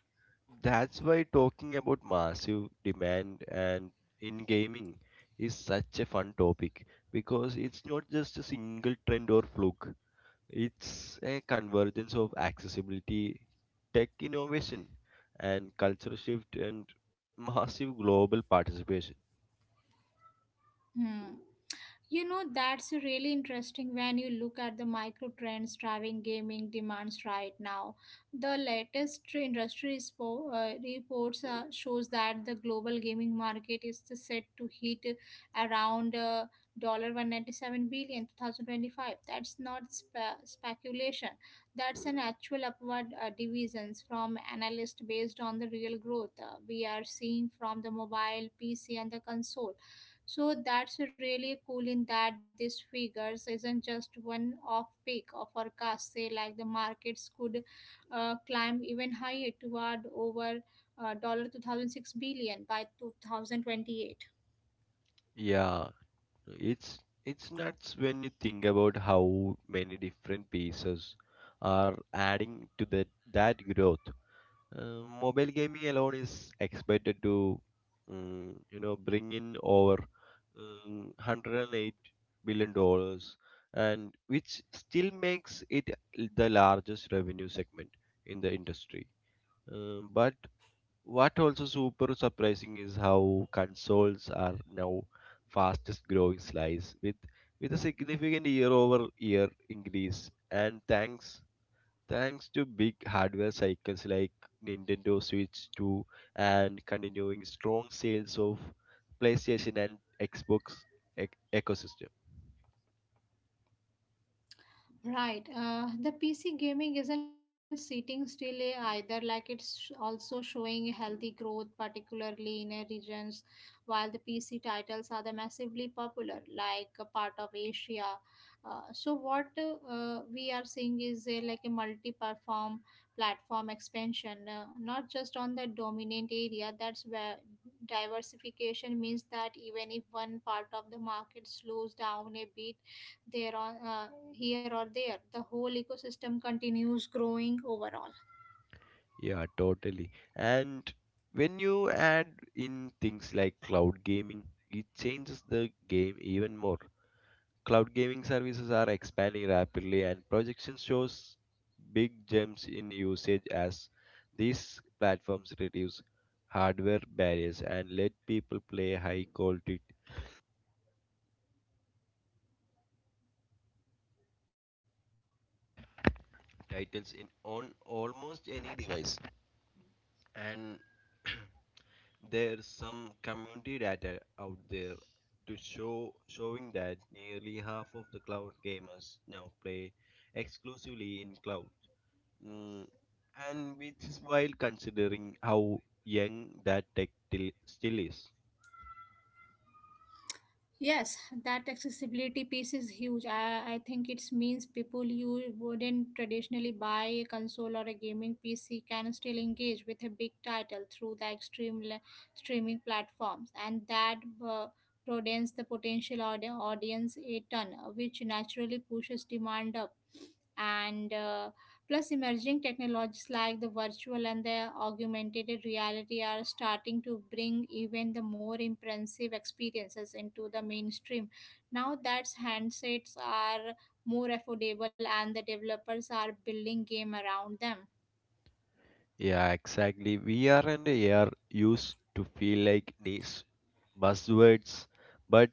Speaker 2: that's why talking about massive demand and in gaming is such a fun topic because it's not just a single trend or fluke. It's a convergence of accessibility, tech innovation, and cultural shift and massive global participation.
Speaker 1: Hmm. You know, that's really interesting when you look at the micro trends driving gaming demands right now. The latest tr- industry spo- uh, reports uh, shows that the global gaming market is set to hit around uh, one hundred ninety-seven dollars in two thousand twenty-five. That's not spe- speculation. That's an actual upward uh, divisions from analysts based on the real growth uh, we are seeing from the mobile, P C and the console so that's really cool in that these figures isn't just one off peak or forecast, say like the markets could uh, climb even higher toward over uh, two thousand six dollars by two thousand twenty-eight.
Speaker 2: Yeah, it's it's nuts when you think about how many different pieces are adding to that that growth. Uh, mobile gaming alone is expected to, um, you know, bring in over um, one hundred eight billion dollars, and which still makes it the largest revenue segment in the industry. Um, but what also super surprising is how consoles are now fastest growing slice with with a significant year over year increase, and thanks thanks to big hardware cycles like Nintendo Switch two and continuing strong sales of PlayStation and Xbox ec- ecosystem.
Speaker 1: Right. Uh, the P C gaming isn't sitting still eh, either. Like it's also showing healthy growth, particularly in eh, regions while the P C titles are the massively popular, like a part of Asia. Uh, so what uh, uh, we are seeing is eh, like a multi-platform platform expansion, uh, not just on the dominant area. That's where diversification means that even if one part of the market slows down a bit there on uh, here or there the whole ecosystem continues growing overall.
Speaker 2: Yeah, totally. And when you add in things like cloud gaming, it changes the game even more. Cloud gaming services are expanding rapidly, and projections shows big jumps in usage as these platforms reduce hardware barriers and let people play high quality titles in on almost any device. And there's some community data out there to show showing that nearly half of the cloud gamers now play exclusively in cloud. Mm, and which is while considering how young that tech till, still is.
Speaker 1: Yes, that accessibility piece is huge. i, I think it means people you wouldn't traditionally buy a console or a gaming PC can still engage with a big title through the extreme le- streaming platforms and that uh, broadens the potential audi- audience a ton uh, which naturally pushes demand up and uh, plus emerging technologies like the virtual and the augmented reality are starting to bring even the more impressive experiences into the mainstream now that handsets are more affordable and the developers are building game around them.
Speaker 2: Yeah, exactly. V R and A R used to feel like niche buzzwords, but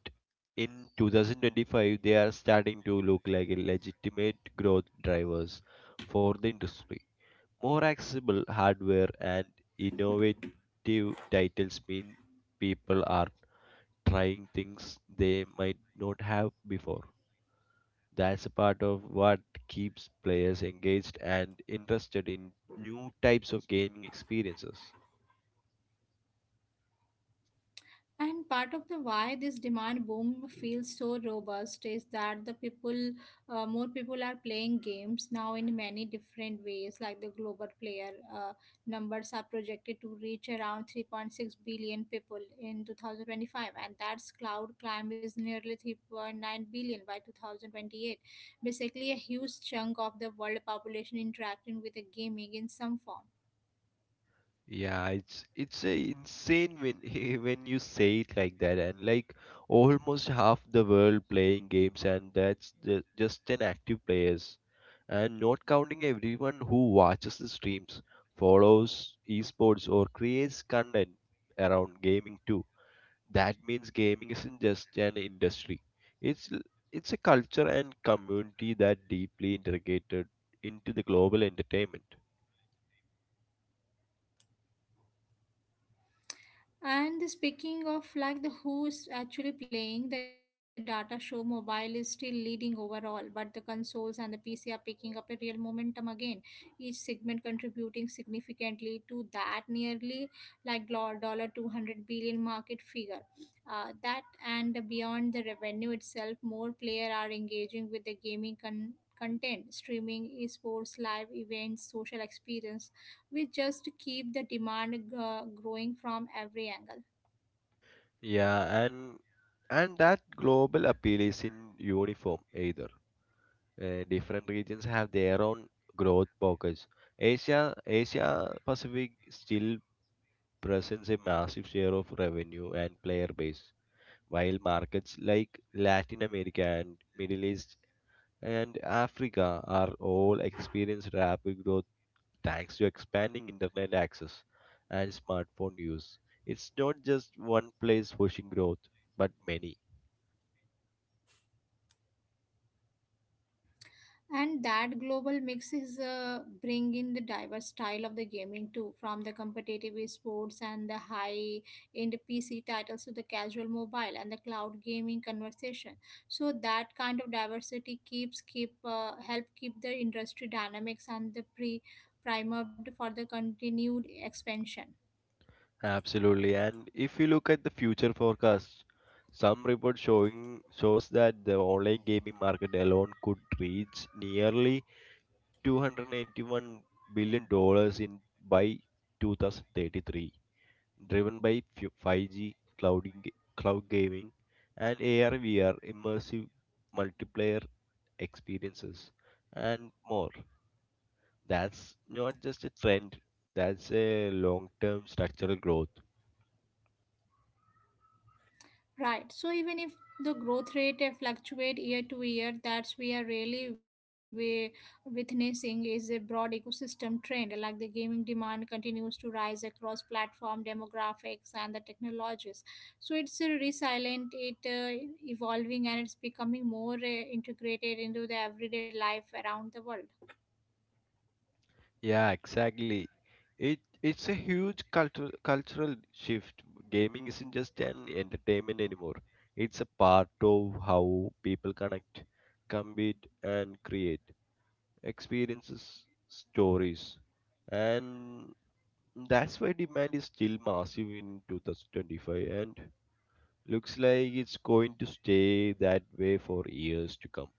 Speaker 2: in two thousand twenty-five, they are starting to look like a legitimate growth drivers for the industry. More accessible hardware and innovative titles mean people are trying things they might not have before. That's a part of what keeps players engaged and interested in new types of gaming experiences.
Speaker 1: And part of the why this demand boom feels so robust is that the people, uh, more people are playing games now in many different ways. Like the global player uh, numbers are projected to reach around three point six billion people in two thousand twenty-five, and that's cloud climb is nearly three point nine billion by two thousand twenty-eight. Basically, a huge chunk of the world population interacting with the gaming in some form.
Speaker 2: Yeah, it's it's a insane when when you say it like that, and like almost half the world playing games, and that's the, just an active players, and not counting everyone who watches the streams, follows esports, or creates content around gaming too. That means gaming isn't just an industry. It's l- it's a culture and community that deeply integrated into the global entertainment.
Speaker 1: And the speaking of like the who's actually playing, the data show mobile is still leading overall, but the consoles and the P C are picking up a real momentum again, each segment contributing significantly to that nearly like dollar two hundred billion market figure. Uh, that and beyond the revenue itself, more players are engaging with the gaming con- content, streaming, esports, live events, social experience we just keep the demand uh, growing from every angle.
Speaker 2: Yeah, and and that global appeal is in uniform either. Uh, different regions have their own growth pockets. Asia Asia Pacific still presents a massive share of revenue and player base, while markets like Latin America and Middle East and Africa are all experienced rapid growth thanks to expanding internet access and smartphone use. It's not just one place pushing growth, but many.
Speaker 1: And that global mix is uh, bring in the diverse style of the gaming too from the competitive sports and the high end PC titles to the casual mobile and the cloud gaming conversation so that kind of diversity keeps keep uh, help keep the industry dynamics and the pre primed for the continued expansion.
Speaker 2: Absolutely. And if you look at the future forecast, some report showing shows that the online gaming market alone could reach nearly two hundred eighty-one billion dollars in by two thousand thirty-three, driven by fi- five G, cloud, ing- cloud gaming, and A R V R immersive multiplayer experiences, and more. That's not just a trend, that's a long term structural growth.
Speaker 1: Right. So even if the growth rate uh, fluctuate year to year, that's we are really we witnessing is a broad ecosystem trend. Like the gaming demand continues to rise across platform demographics and the technologies. So it's uh, resilient, it uh, evolving, and it's becoming more uh, integrated into the everyday life around the world.
Speaker 2: Yeah, exactly. It it's a huge cultural cultural shift. Gaming isn't just an entertainment anymore. It's a part of how people connect, compete, and create experiences, stories. And that's why demand is still massive in twenty twenty-five and looks like it's going to stay that way for years to come.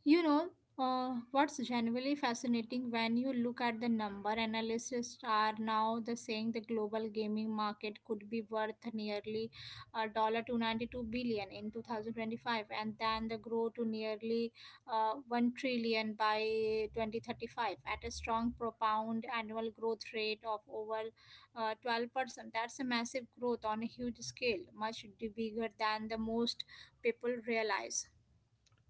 Speaker 1: You know, uh, what's genuinely fascinating when you look at the number, analysts are now the saying the global gaming market could be worth nearly a dollar two ninety-two billion in two thousand twenty-five and then the grow to nearly uh, one trillion by twenty thirty-five at a strong propound annual growth rate of over uh, twelve percent. That's a massive growth on a huge scale, much bigger than the most people realize.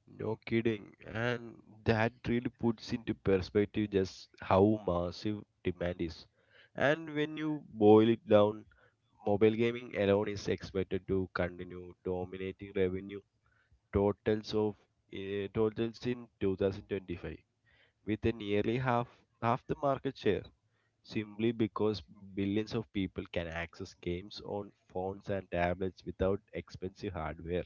Speaker 2: No kidding. And that really puts into perspective just how massive demand is. And when you boil it down, mobile gaming alone is expected to continue dominating revenue totals of uh, totals in two thousand twenty-five with a nearly half half the market share simply because billions of people can access games on phones and tablets without expensive hardware.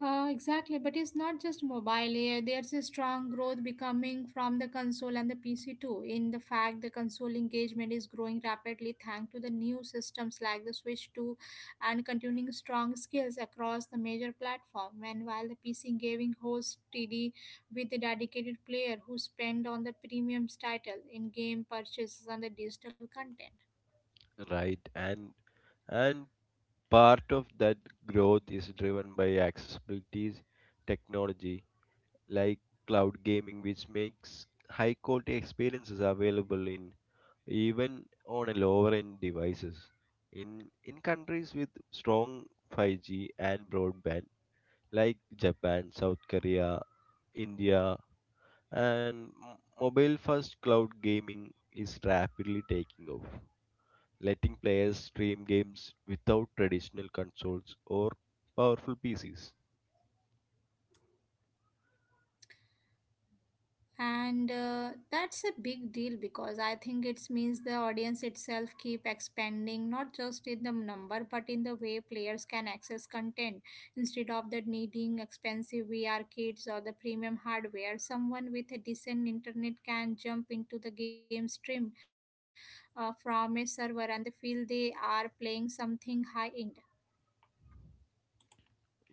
Speaker 1: Uh, exactly, but it's not just mobile. Eh, there's a strong growth becoming from the console and the P C too. In the fact, the console engagement is growing rapidly thanks to the new systems like the Switch two and continuing strong skills across the major platform. And while the P C gaming hosts T D with a dedicated player who spend on the premiums title in game purchases and the digital content.
Speaker 2: Right. and and part of that growth is driven by accessibility technology like cloud gaming, which makes high quality experiences available in even on a lower end devices in in countries with strong five G and broadband like Japan, South Korea, India, and m- mobile first cloud gaming is rapidly taking off, letting players stream games without traditional consoles or powerful P Cs.
Speaker 1: And uh, that's a big deal because I think it means the audience itself keep expanding not just in the number but in the way players can access content instead of the needing expensive V R kits or the premium hardware someone with a decent internet can jump into the game stream uh, from a server and they feel they are playing something high end.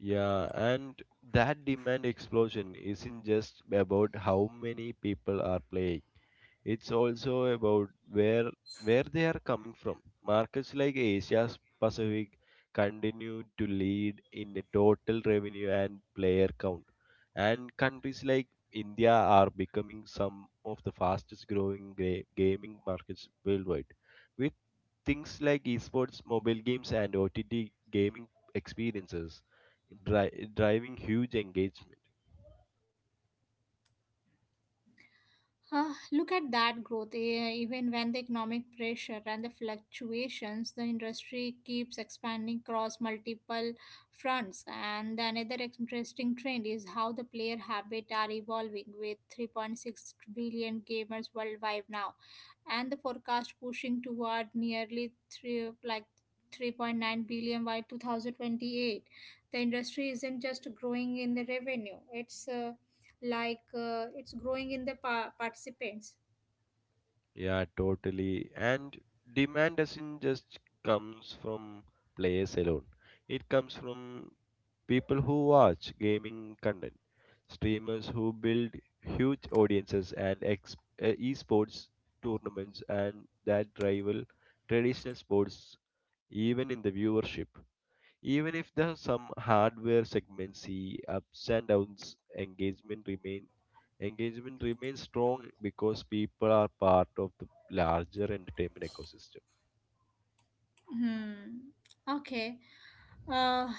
Speaker 2: Yeah, and that demand explosion isn't just about how many people are playing. It's also about where where they are coming from. Markets like Asia Pacific continue to lead in the total revenue and player count, and countries like India are becoming some of the fastest growing gra- gaming markets worldwide, with things like esports, mobile games, and O T T gaming experiences dri- driving huge engagement.
Speaker 1: Huh, look at that growth. Eh, even when the economic pressure and the fluctuations, the industry keeps expanding across multiple fronts. And another interesting trend is how the player habit are evolving with three point six billion gamers worldwide now, and the forecast pushing toward nearly three like three point nine billion by two thousand twenty-eight. The industry isn't just growing in the revenue; it's uh, like uh, it's growing in the pa- participants.
Speaker 2: Yeah, totally. And demand doesn't just comes from players alone. It comes from people who watch gaming content, streamers who build huge audiences and ex- uh, esports tournaments and that rival traditional sports even in the viewership. Even if the some hardware segments see ups and downs, engagement remain engagement remains strong because people are part of the larger entertainment ecosystem.
Speaker 1: Hmm. Okay. Uh,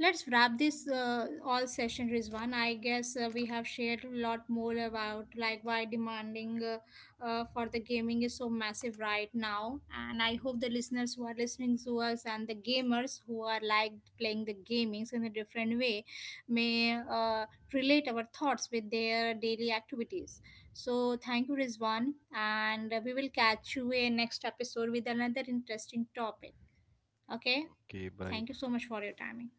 Speaker 1: let's wrap this uh, all session, Rizwan. I guess uh, we have shared a lot more about like why demanding uh, uh, for the gaming is so massive right now. And I hope the listeners who are listening to us and the gamers who are like playing the gamings in a different way may uh, relate our thoughts with their daily activities. So thank you, Rizwan, and uh, we will catch you in next episode with another interesting topic. Okay,
Speaker 2: Okay, bye.
Speaker 1: thank you so much for your timing.